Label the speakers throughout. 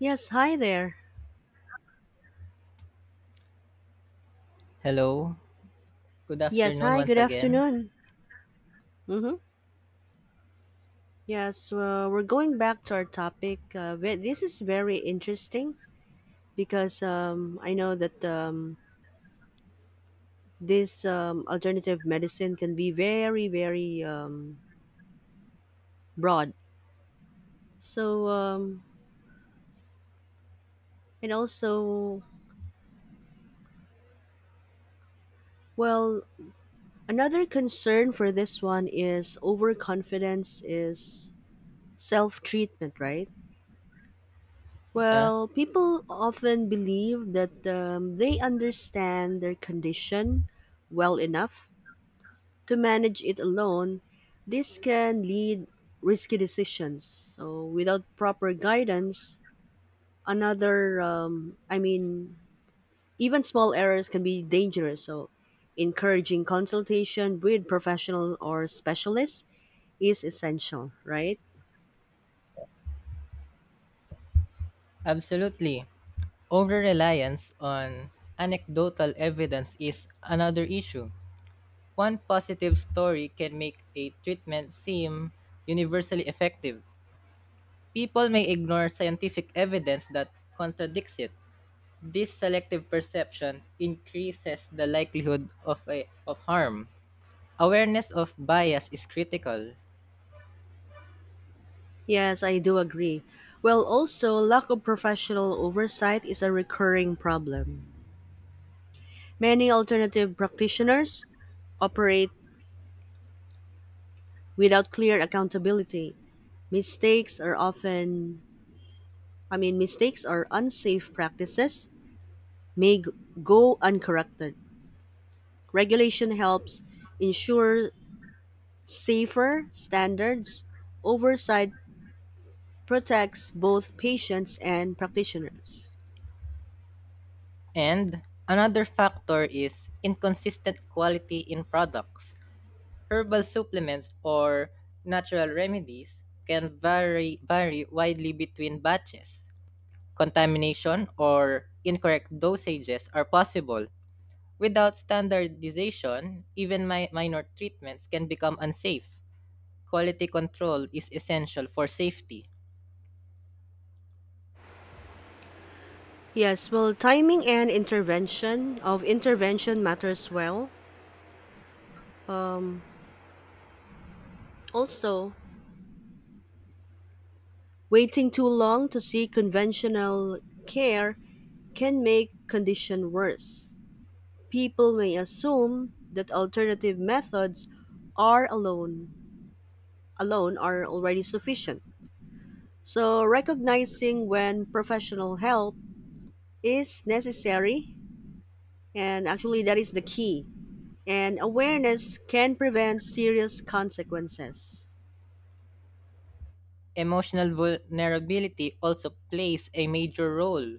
Speaker 1: Yes, hi there.
Speaker 2: Hello. Good
Speaker 1: Yes,
Speaker 2: afternoon
Speaker 1: hi,
Speaker 2: once
Speaker 1: good
Speaker 2: again.
Speaker 1: afternoon. Mm-hmm. Yes, we're going back to our topic. This is very interesting because I know that this alternative medicine can be very, very broad. So, um, and also, well, Another concern for this one is overconfidence is self treatment, right?
Speaker 2: Yeah,
Speaker 1: Well, people often believe that they understand their condition well enough to manage it alone. This can lead risky decisions. So, without proper guidance, I mean, even small errors can be dangerous. So, encouraging consultation with professional or specialists is essential, right?
Speaker 2: absolutely. Over reliance on anecdotal evidence is another issue. One positive story can make a treatment seem universally effective. People may ignore scientific evidence that contradicts it. This selective perception increases the likelihood of harm. Awareness of bias is critical.
Speaker 1: Yes, I do agree. Well, also, lack of professional oversight is a recurring problem. Many alternative practitioners operate without clear accountability. Mistakes are often, I mean, Mistakes or unsafe practices may g- go uncorrected. Regulation helps ensure safer standards. Oversight protects both patients and practitioners.
Speaker 2: And another factor is inconsistent quality in products. Herbal supplements or natural remedies can vary widely between batches. Contamination or incorrect dosages are possible. Without standardization, even minor treatments can become unsafe. Quality control is essential for safety.
Speaker 1: Yes, well, timing and intervention of intervention matters well. Um, Also, waiting too long to see conventional care can make condition worse. People may assume that alternative methods are alone alone are already sufficient. So recognizing when professional help is necessary and actually that is the key. And awareness can prevent serious consequences.
Speaker 2: Emotional vulnerability also plays a major role.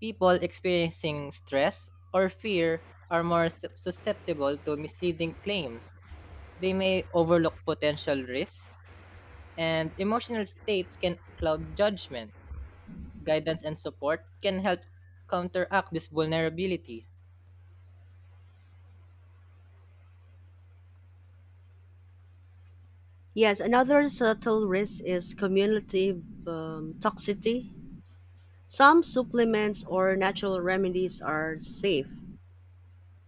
Speaker 2: People experiencing stress or fear are more susceptible to misleading claims. They may overlook potential risks, and emotional states can cloud judgment. Guidance and support can help counteract this vulnerability.
Speaker 1: Yes, another subtle risk is cumulative toxicity. Some supplements or natural remedies are safe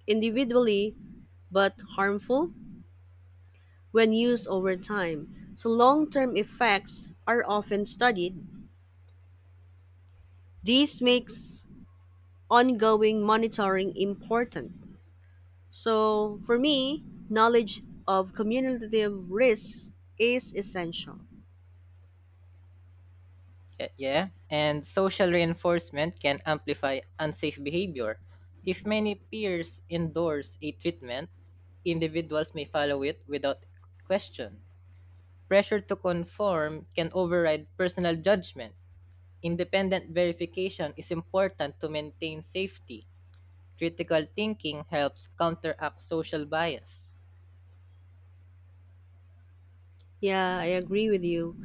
Speaker 1: individually but harmful when used over time. So long-term effects are often studied. This makes ongoing monitoring important. So for me, knowledge of cumulative risks is essential.
Speaker 2: Yeah, yeah, and social reinforcement can amplify unsafe behavior. If many peers endorse a treatment, individuals may follow it without question. Pressure to conform can override personal judgment. Independent verification is important to maintain safety. Critical thinking helps counteract social bias.
Speaker 1: Yeah, I agree with you.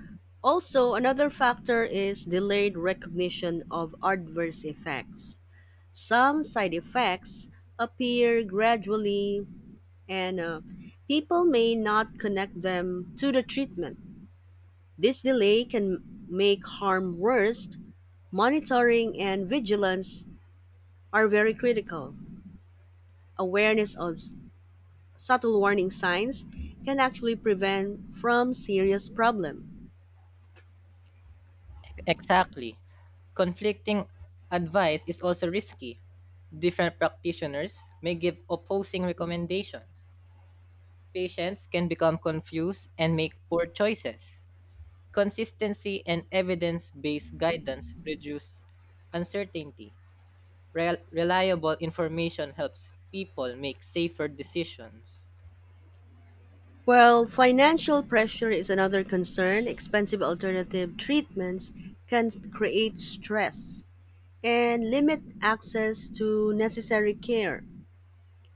Speaker 1: Also, another factor is delayed recognition of adverse effects. Some side effects appear gradually, and people may not connect them to the treatment. This delay can make harm worse. Monitoring and vigilance are very critical. Awareness of subtle warning signs can actually prevent from serious problem.
Speaker 2: Exactly. Conflicting advice is also risky. Different practitioners may give opposing recommendations. Patients can become confused and make poor choices. Consistency and evidence based guidance reduce uncertainty. Reliable information helps people make safer decisions.
Speaker 1: Well, financial pressure is another concern. Expensive alternative treatments can create stress and limit access to necessary care.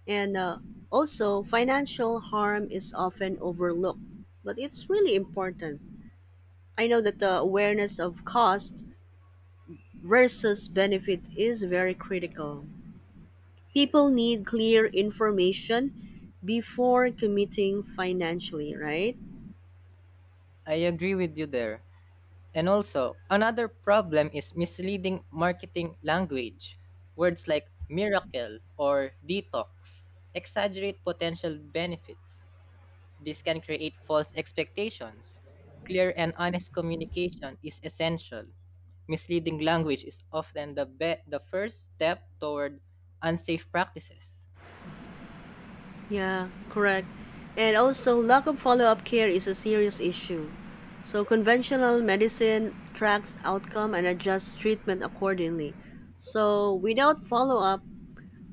Speaker 1: And Also, financial harm is often overlooked, but it's really important. I know that the awareness of cost versus benefit is very critical. People need clear information before committing financially, right?
Speaker 2: I agree with you there. And also, another problem is misleading marketing language. Words like miracle or detox exaggerate potential benefits. This can create false expectations. Clear and honest communication is essential. Misleading language is often the first step toward unsafe practices.
Speaker 1: Yeah, correct. And also, lack of follow up care is a serious issue. So, conventional medicine tracks outcome and adjusts treatment accordingly. So, without follow up,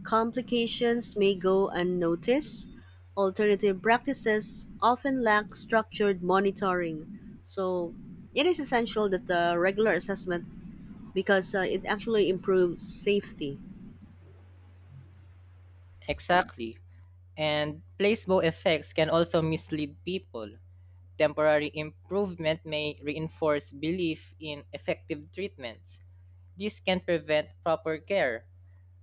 Speaker 1: complications may go unnoticed. Alternative practices often lack structured monitoring. So, it is essential that the regular assessment because it actually improves safety.
Speaker 2: Exactly. And placebo effects can also mislead people. Temporary improvement may reinforce belief in effective treatments. This can prevent proper care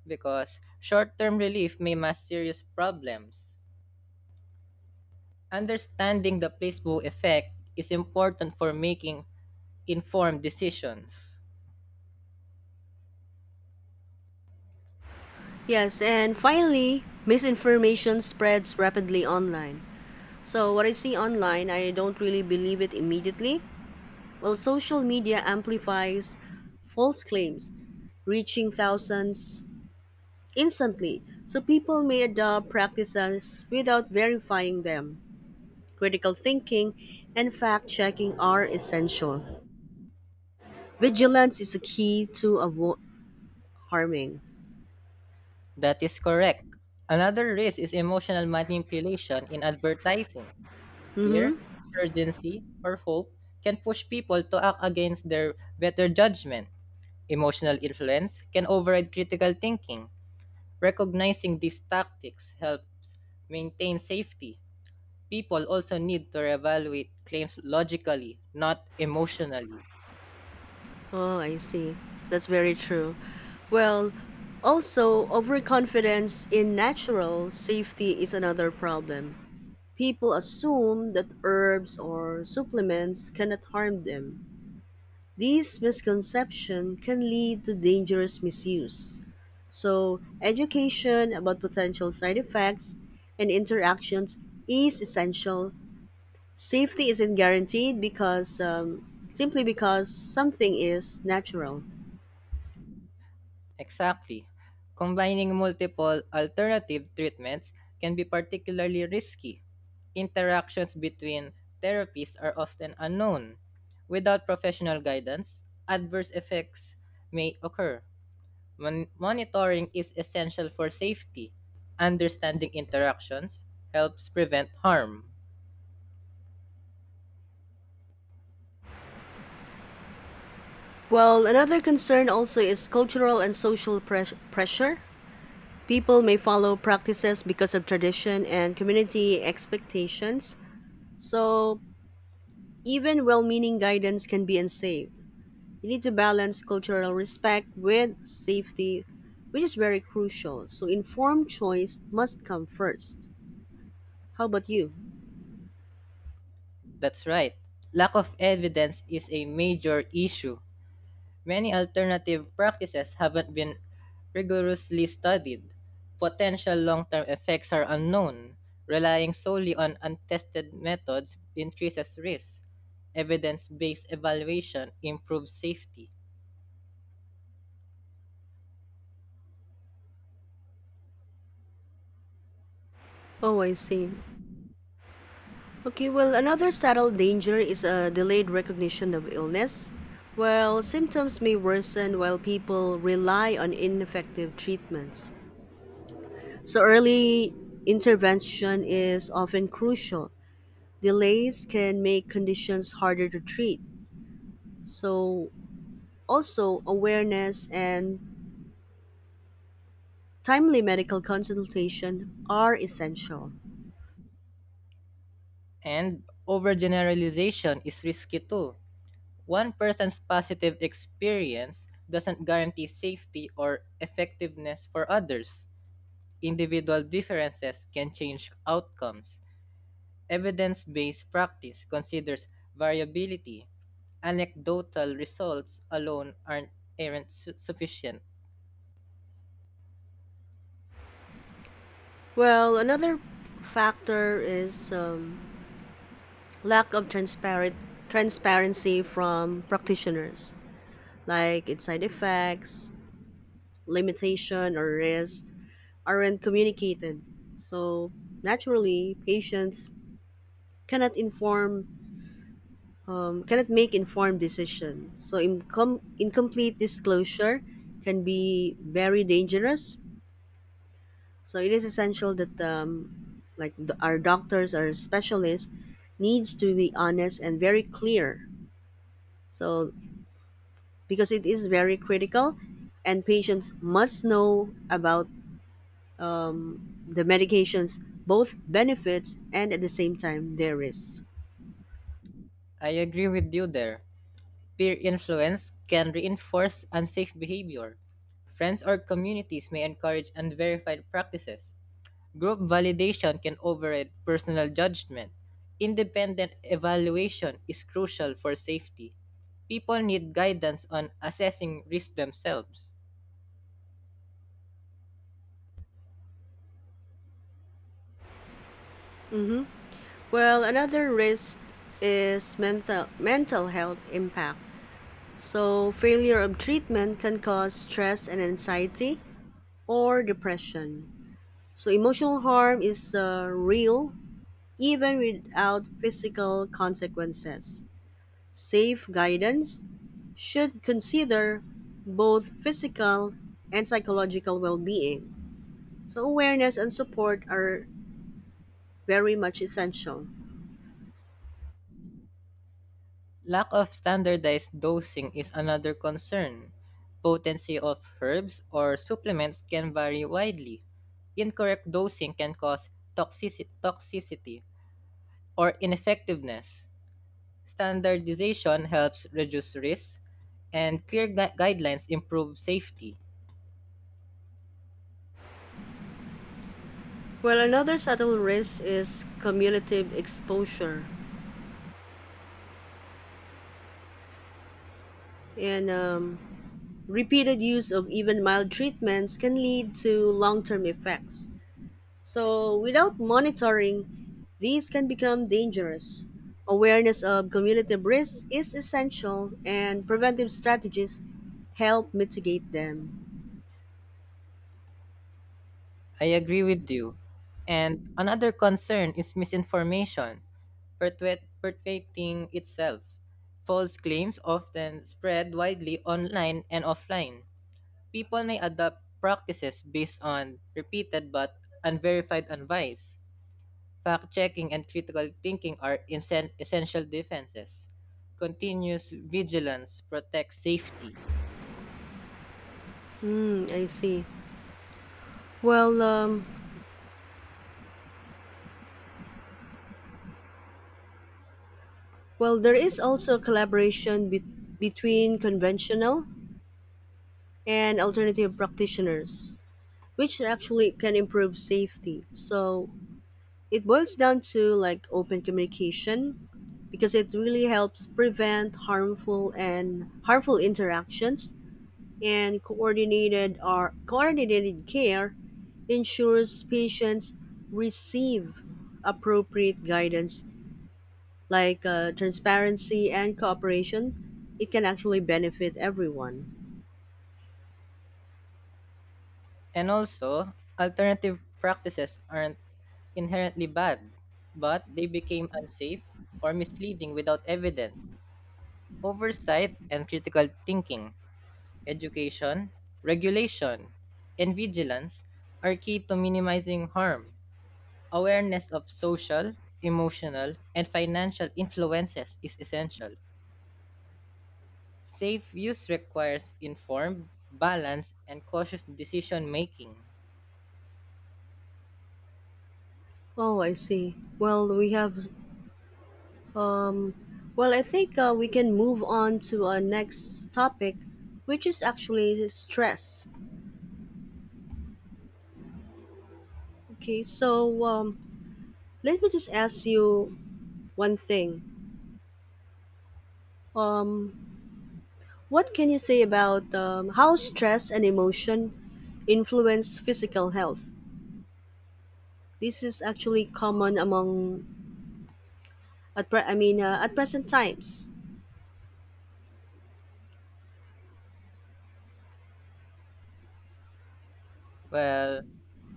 Speaker 2: because short term relief may mask serious problems. Understanding the placebo effect is important for making informed decisions.
Speaker 1: Yes, and finally, misinformation spreads rapidly online. So, what I see online, I don't really believe it immediately. Well, social media amplifies false claims, reaching thousands instantly. So, people may adopt practices without verifying them. Critical thinking and fact checking are essential. Vigilance is a key to avoid harming.
Speaker 2: That is correct. Another risk is emotional manipulation in advertising.
Speaker 1: Mm-hmm.
Speaker 2: Fear, urgency, or hope can push people to act against their better judgment. Emotional influence can override critical thinking. Recognizing these tactics helps maintain safety. People also need to evaluate claims logically, not emotionally.
Speaker 1: Oh, I see. That's very true. Well, also, overconfidence in natural safety is another problem. People assume that herbs or supplements cannot harm them. These misconceptions can lead to dangerous misuse. So, education about potential side effects and interactions is essential. Safety isn't guaranteed because simply because something is natural.
Speaker 2: Exactly. Combining multiple alternative treatments can be particularly risky. Interactions between therapies are often unknown. Without professional guidance, adverse effects may occur. Monitoring is essential for safety. Understanding interactions helps prevent harm.
Speaker 1: Well, another concern also is cultural and social pressure. People may follow practices because of tradition and community expectations. So even well-meaning guidance can be unsafe. You need to balance cultural respect with safety, which is very crucial. So informed choice must come first. How about you?
Speaker 2: That's right. Lack of evidence is a major issue. Many alternative practices haven't been rigorously studied. Potential long term effects are unknown. Relying solely on untested methods increases risk. Evidence based evaluation improves safety.
Speaker 1: Oh, I see. Okay, well, another subtle danger is a delayed recognition of illness. Well, symptoms may worsen while people rely on ineffective treatments. So, early intervention is often crucial. Delays can make conditions harder to treat. So, also, awareness and timely medical consultation are essential.
Speaker 2: And overgeneralization is risky too. One person's positive experience doesn't guarantee safety or effectiveness for others. Individual differences can change outcomes. Evidence based practice considers variability. Anecdotal results alone aren't sufficient.
Speaker 1: Well, another factor is lack of transparent transparency from practitioners, like its side effects, limitation or risk aren't communicated. So naturally, patients cannot inform cannot make informed decisions. So incomplete disclosure can be very dangerous. So it is essential that our doctors our specialists needs to be honest and very clear. So because it is very critical, and patients must know about the medications both benefits and at the same time their risks.
Speaker 2: I agree with you there. Peer influence can reinforce unsafe behavior. Friends or communities may encourage unverified practices. Group validation can override personal judgment. Independent evaluation is crucial for safety. People need guidance on assessing risk themselves.
Speaker 1: Well, another risk is mental health impact. So failure of treatment can cause stress and anxiety or depression. So emotional harm is real even without physical consequences. Safe guidance should consider both physical and psychological well being. So, awareness and support are very much essential.
Speaker 2: Lack of standardized dosing is another concern. Potency of herbs or supplements can vary widely. Incorrect dosing can cause toxicity or ineffectiveness. Standardization helps reduce risk, and clear guidelines improve safety.
Speaker 1: Well, another subtle risk is cumulative exposure. And Repeated use of even mild treatments can lead to long term effects. So, without monitoring, these can become dangerous. Awareness of cumulative risks is essential, and preventive strategies help mitigate them.
Speaker 2: I agree with you. And another concern is misinformation perpetuating itself. False claims often spread widely online and offline. People may adopt practices based on repeated but unverified advice. Fact checking and critical thinking are essential defenses. Continuous vigilance protects safety.
Speaker 1: Hmm, I see. Well, um, well, there is also collaboration between conventional and alternative practitioners, which actually can improve safety. So it boils down to like open communication, because it really helps prevent harmful and harmful interactions and coordinated or coordinated care ensures patients receive appropriate guidance like transparency and cooperation it can actually benefit everyone.
Speaker 2: And also, alternative practices aren't inherently bad, but they became unsafe or misleading without evidence, oversight, and critical thinking. Education, regulation, and vigilance are key to minimizing harm. Awareness of social, emotional, and financial influences is essential. Safe use requires informed, balanced, and cautious decision making.
Speaker 1: Oh, I see. Um well, I think we can move on to our next topic, which is actually stress. Okay. Let me just ask you one thing. Um, what can you say about how stress and emotion influence physical health? This is actually common among I mean at present times.
Speaker 2: Well,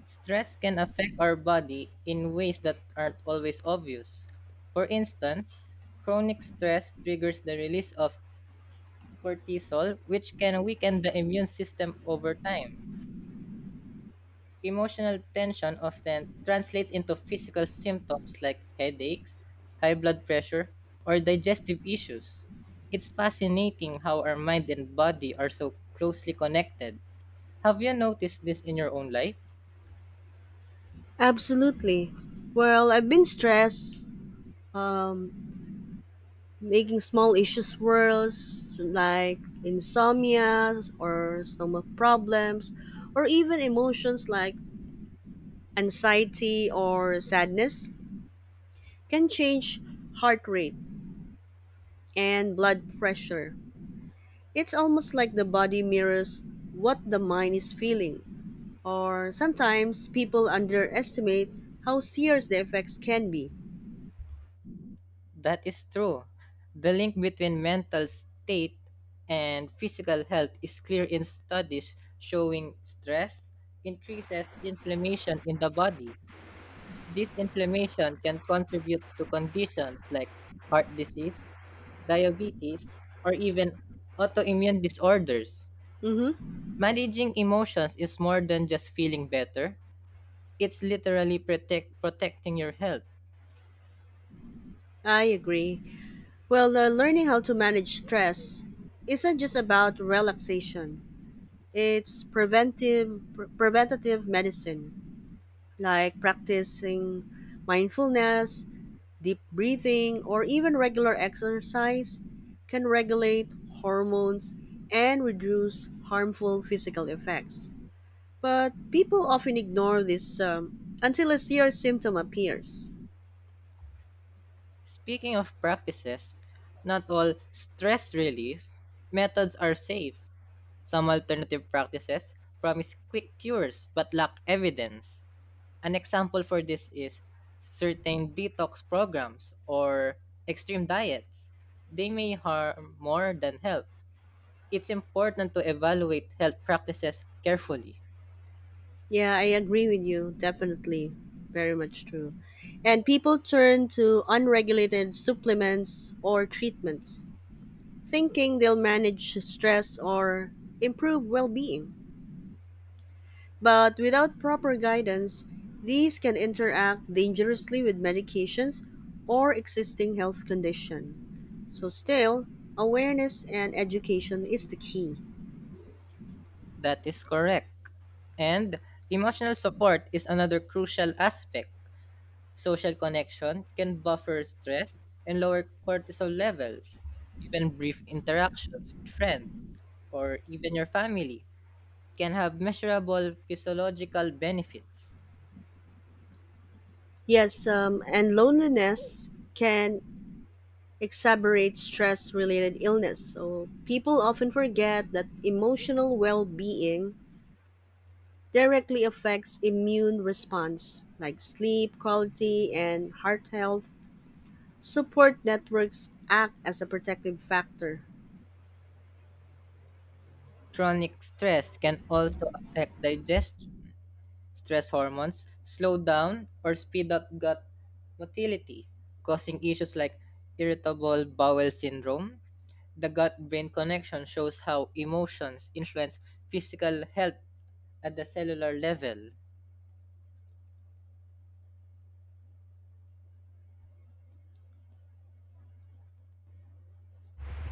Speaker 2: stress can affect our body in ways that aren't always obvious. For instance, chronic stress triggers the release of cortisol, which can weaken the immune system over time. Emotional tension often translates into physical symptoms like headaches, high blood pressure, or digestive issues. It's fascinating how our mind and body are so closely connected. Have you noticed this in your own life?
Speaker 1: Absolutely. Well, I've been stressed, um, making small issues worse, like insomnia or stomach problems, or even emotions like anxiety or sadness can change heart rate and blood pressure. It's almost like the body mirrors what the mind is feeling, or sometimes people underestimate how serious the effects can be.
Speaker 2: That is true. The link between mental state and physical health is clear in studies showing stress increases inflammation in the body. This inflammation can contribute to conditions like heart disease, diabetes, or even autoimmune disorders.
Speaker 1: Mm-hmm.
Speaker 2: Managing emotions is more than just feeling better, it's literally protecting your health.
Speaker 1: I agree. Well, learning how to manage stress isn't just about relaxation. It's preventative medicine, like practicing mindfulness, deep breathing or even regular exercise can regulate hormones and reduce harmful physical effects. But people often ignore this until a serious symptom appears.
Speaker 2: Speaking of practices, not all stress relief methods are safe. Some alternative practices promise quick cures but lack evidence. An example for this is certain detox programs or extreme diets. They may harm more than help. It's important to evaluate health practices carefully.
Speaker 1: Yeah, I agree with you. Definitely. Very much true. And people turn to unregulated supplements or treatments, thinking they'll manage stress or improve well being. But without proper guidance, these can interact dangerously with medications or existing health condition. So still, awareness and education is the key.
Speaker 2: That is correct. And emotional support is another crucial aspect. Social connection can buffer stress and lower cortisol levels. Even brief interactions with friends or even your family can have measurable physiological benefits.
Speaker 1: Yes, and loneliness can exacerbate stress related illness. So people often forget that emotional well being directly affects immune response like sleep quality and heart health. Support networks act as a protective factor,
Speaker 2: Chronic stress can also affect digestion. Stress hormones slow down or speed up gut motility, causing issues like irritable bowel syndrome. The gut brain connection shows how emotions influence physical health at the cellular level.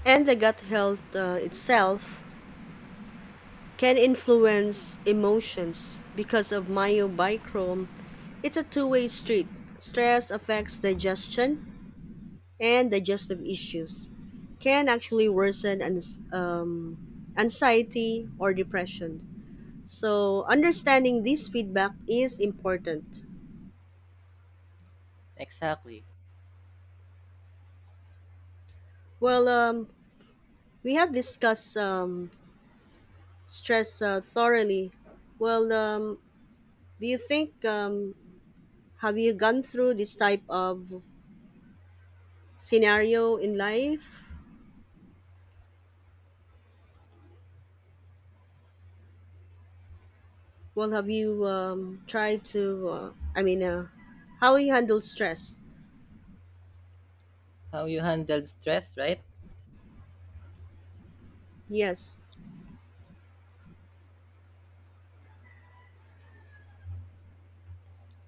Speaker 1: and the gut health itself can influence emotions because of myobiochrome. It's a two-way street. Stress affects digestion, and digestive issues can actually worsen anxiety or depression. So, understanding this feedback is important.
Speaker 2: Exactly.
Speaker 1: Well, we have discussed stress thoroughly. Well, do you think have you gone through this type of scenario in life? Well, have you tried to? I mean, how you handle stress?
Speaker 2: How you handle stress, right?
Speaker 1: Yes,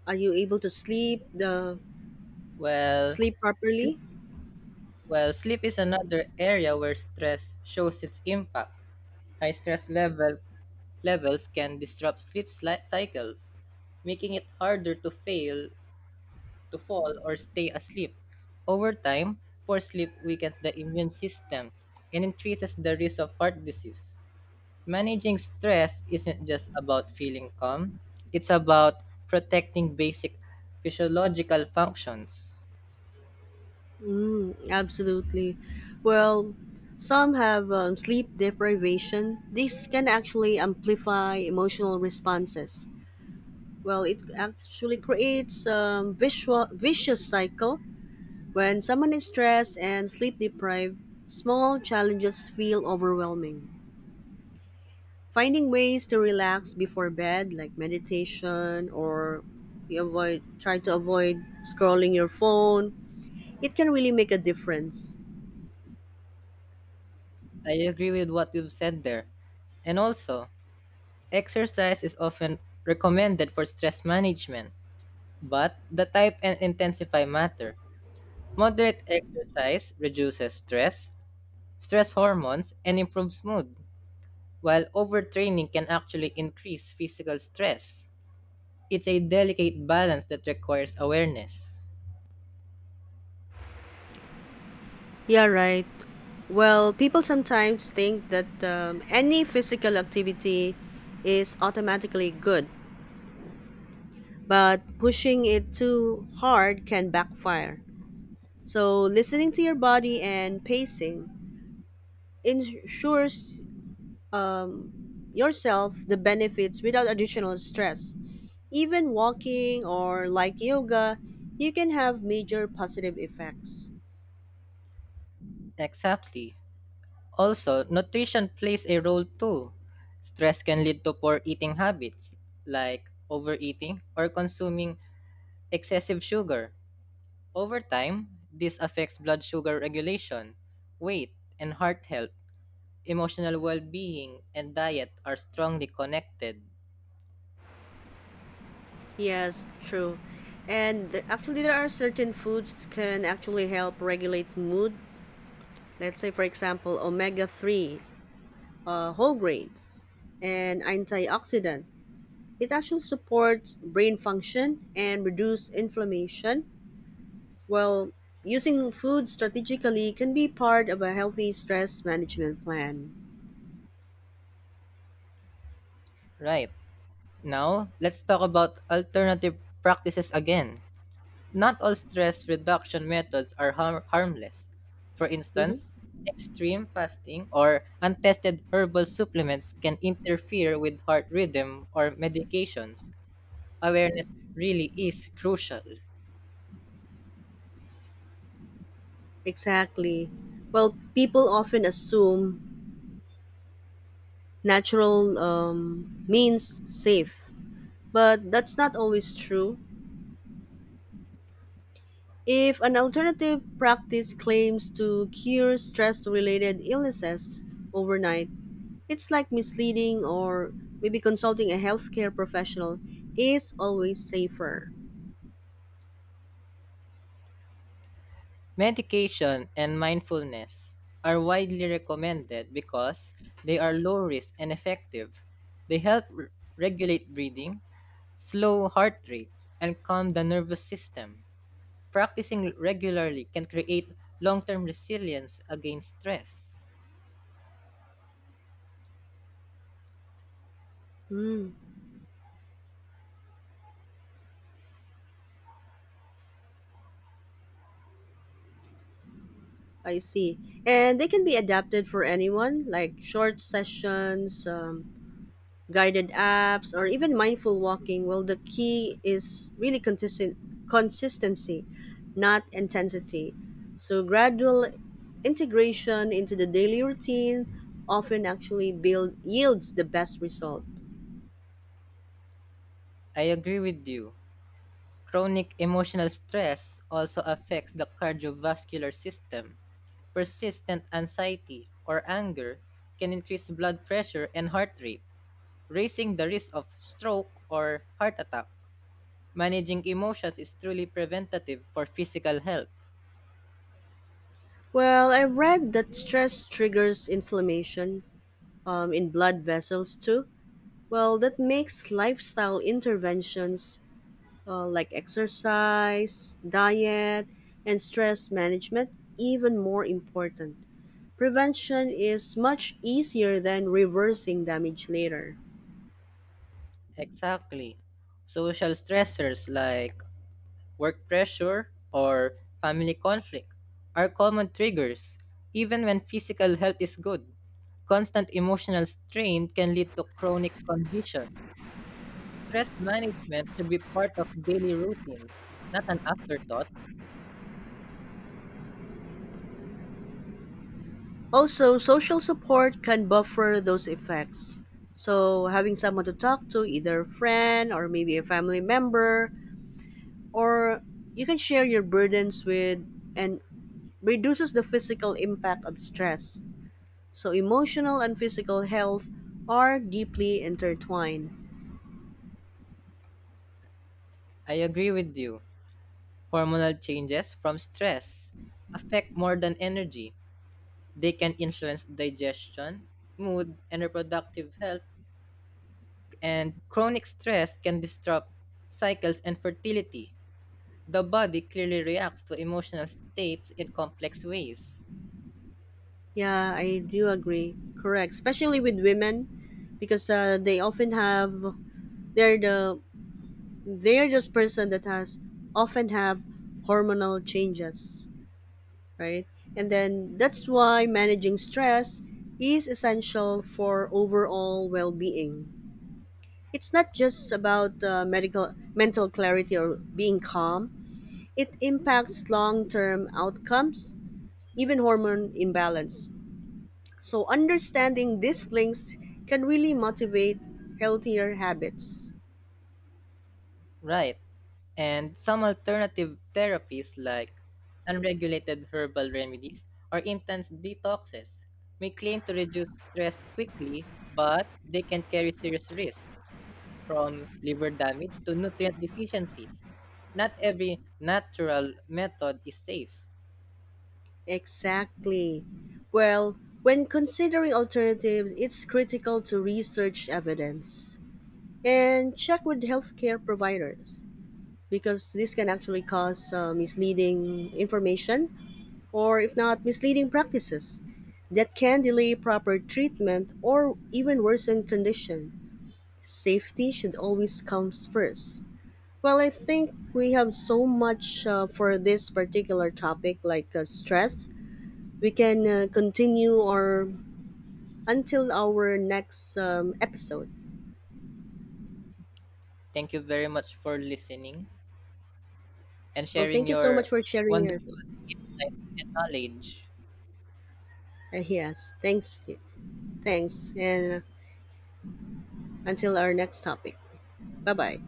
Speaker 1: are you able to sleep the
Speaker 2: Well,
Speaker 1: sleep properly?
Speaker 2: sleep. Well, sleep is another area where stress shows its impact. High stress levels can disrupt sleep cycles, making it harder to fall, or stay asleep. Over time, poor sleep weakens the immune system and increases the risk of heart disease. Managing stress isn't just about feeling calm, it's about protecting basic physiological functions.
Speaker 1: Mm, absolutely. Well, some have sleep deprivation. This can actually amplify emotional responses. Well, it actually creates a vicious cycle. When someone is stressed and sleep deprived, small challenges feel overwhelming. Finding ways to relax before bed, like meditation or you avoid try to avoid scrolling your phone, it can really make a difference.
Speaker 2: I agree with what you've said there. And also, exercise is often recommended for stress management, but the type and intensify matter. Moderate exercise reduces stress hormones, and improves mood, while overtraining can actually increase physical stress. It's a delicate balance that requires awareness.
Speaker 1: Yeah, right. Well, people sometimes think that any physical activity is automatically good, but pushing it too hard can backfire. So listening to your body and pacing ensures um, yourself the benefits without additional stress. Even walking or like yoga, you can have major positive effects.
Speaker 2: Exactly. Also, nutrition plays a role too. Stress can lead to poor eating habits, like overeating or consuming excessive sugar. Over time, this affects blood sugar regulation, weight, and heart health. Emotional well being and diet are strongly connected.
Speaker 1: Yes, true. Actually, there are certain foods can actually help regulate mood. Let's say, for example, omega three, whole grains, and antioxidant. It actually supports brain function and reduce inflammation. While using food strategically can be part of a healthy stress management plan.
Speaker 2: Right. Now, let's talk about alternative practices again. Not all stress reduction methods are harmless. For
Speaker 1: Hmm.
Speaker 2: instance, extreme fasting or untested herbal supplements can interfere with heart rhythm or medications. Awareness really is crucial.
Speaker 1: Exactly. Well, people often assume natural means safe, but that's not always true. If an alternative practice claims to cure stress related illnesses overnight, it's like misleading or maybe consulting a healthcare professional is always safer.
Speaker 2: Medication and mindfulness are widely recommended because they are low risk and effective. They help regulate breathing, slow heart rate, and calm the nervous system. Practicing regularly can create long term resilience against stress.
Speaker 1: I see. And they can be adapted for anyone, like short sessions, guided apps, or even mindful walking. Well, the key is really consistent consistency, not intensity. So gradual integration into the daily routine often actually build yields the best result.
Speaker 2: I agree with you. Chronic emotional stress also affects the cardiovascular system. Persistent anxiety or anger can increase blood pressure and heart rate, raising the risk of stroke or heart attack. Managing emotions is truly preventative for physical health.
Speaker 1: Well, I read that stress triggers inflammation in blood vessels too. Well, that makes lifestyle interventions like exercise, diet, and stress management even more important. Prevention is much easier than reversing damage later.
Speaker 2: Exactly. Social stressors like work pressure or family conflict are common triggers, even when physical health is good. Constant emotional strain can lead to chronic conditions. Stress management should be part of daily routines, not an afterthought.
Speaker 1: Also, social support can buffer those effects. So, having someone to talk to, either a friend or maybe a family member, or you can share your burdens with and reduces the physical impact of stress. So emotional and physical health are deeply intertwined.
Speaker 2: I agree with you. Hormonal changes from stress affect more than energy. They can influence digestion, mood, and reproductive health, and chronic stress can disrupt cycles and fertility. The body clearly reacts to emotional states in complex ways.
Speaker 1: Yeah, I do agree. Correct, especially with women because they often have they're the they're this person that has often have hormonal changes, right? And then that's why managing stress is essential for overall well-being. It's not just about medical mental clarity or being calm. It impacts long-term outcomes, even hormone imbalance. So understanding these links can really motivate healthier habits.
Speaker 2: Right. And some alternative therapies like unregulated herbal remedies or intense detoxes may claim to reduce stress quickly, but they can carry serious risks from liver damage to nutrient deficiencies. Not every natural method is safe.
Speaker 1: Exactly. Well, when considering alternatives, it's critical to research evidence and check with healthcare providers because this can actually cause misleading information or if not misleading practices that can delay proper treatment or even worsen condition. Safety should always come first. Well, I think we have so much for this particular topic like stress. We can continue our until our next episode.
Speaker 2: Thank you very much for listening and
Speaker 1: Well,
Speaker 2: sharing
Speaker 1: thank you so
Speaker 2: your
Speaker 1: much for sharing your
Speaker 2: wonderful
Speaker 1: thoughts.
Speaker 2: insights and knowledge.
Speaker 1: Yes, thanks. Thanks. And until our next topic. Bye-bye.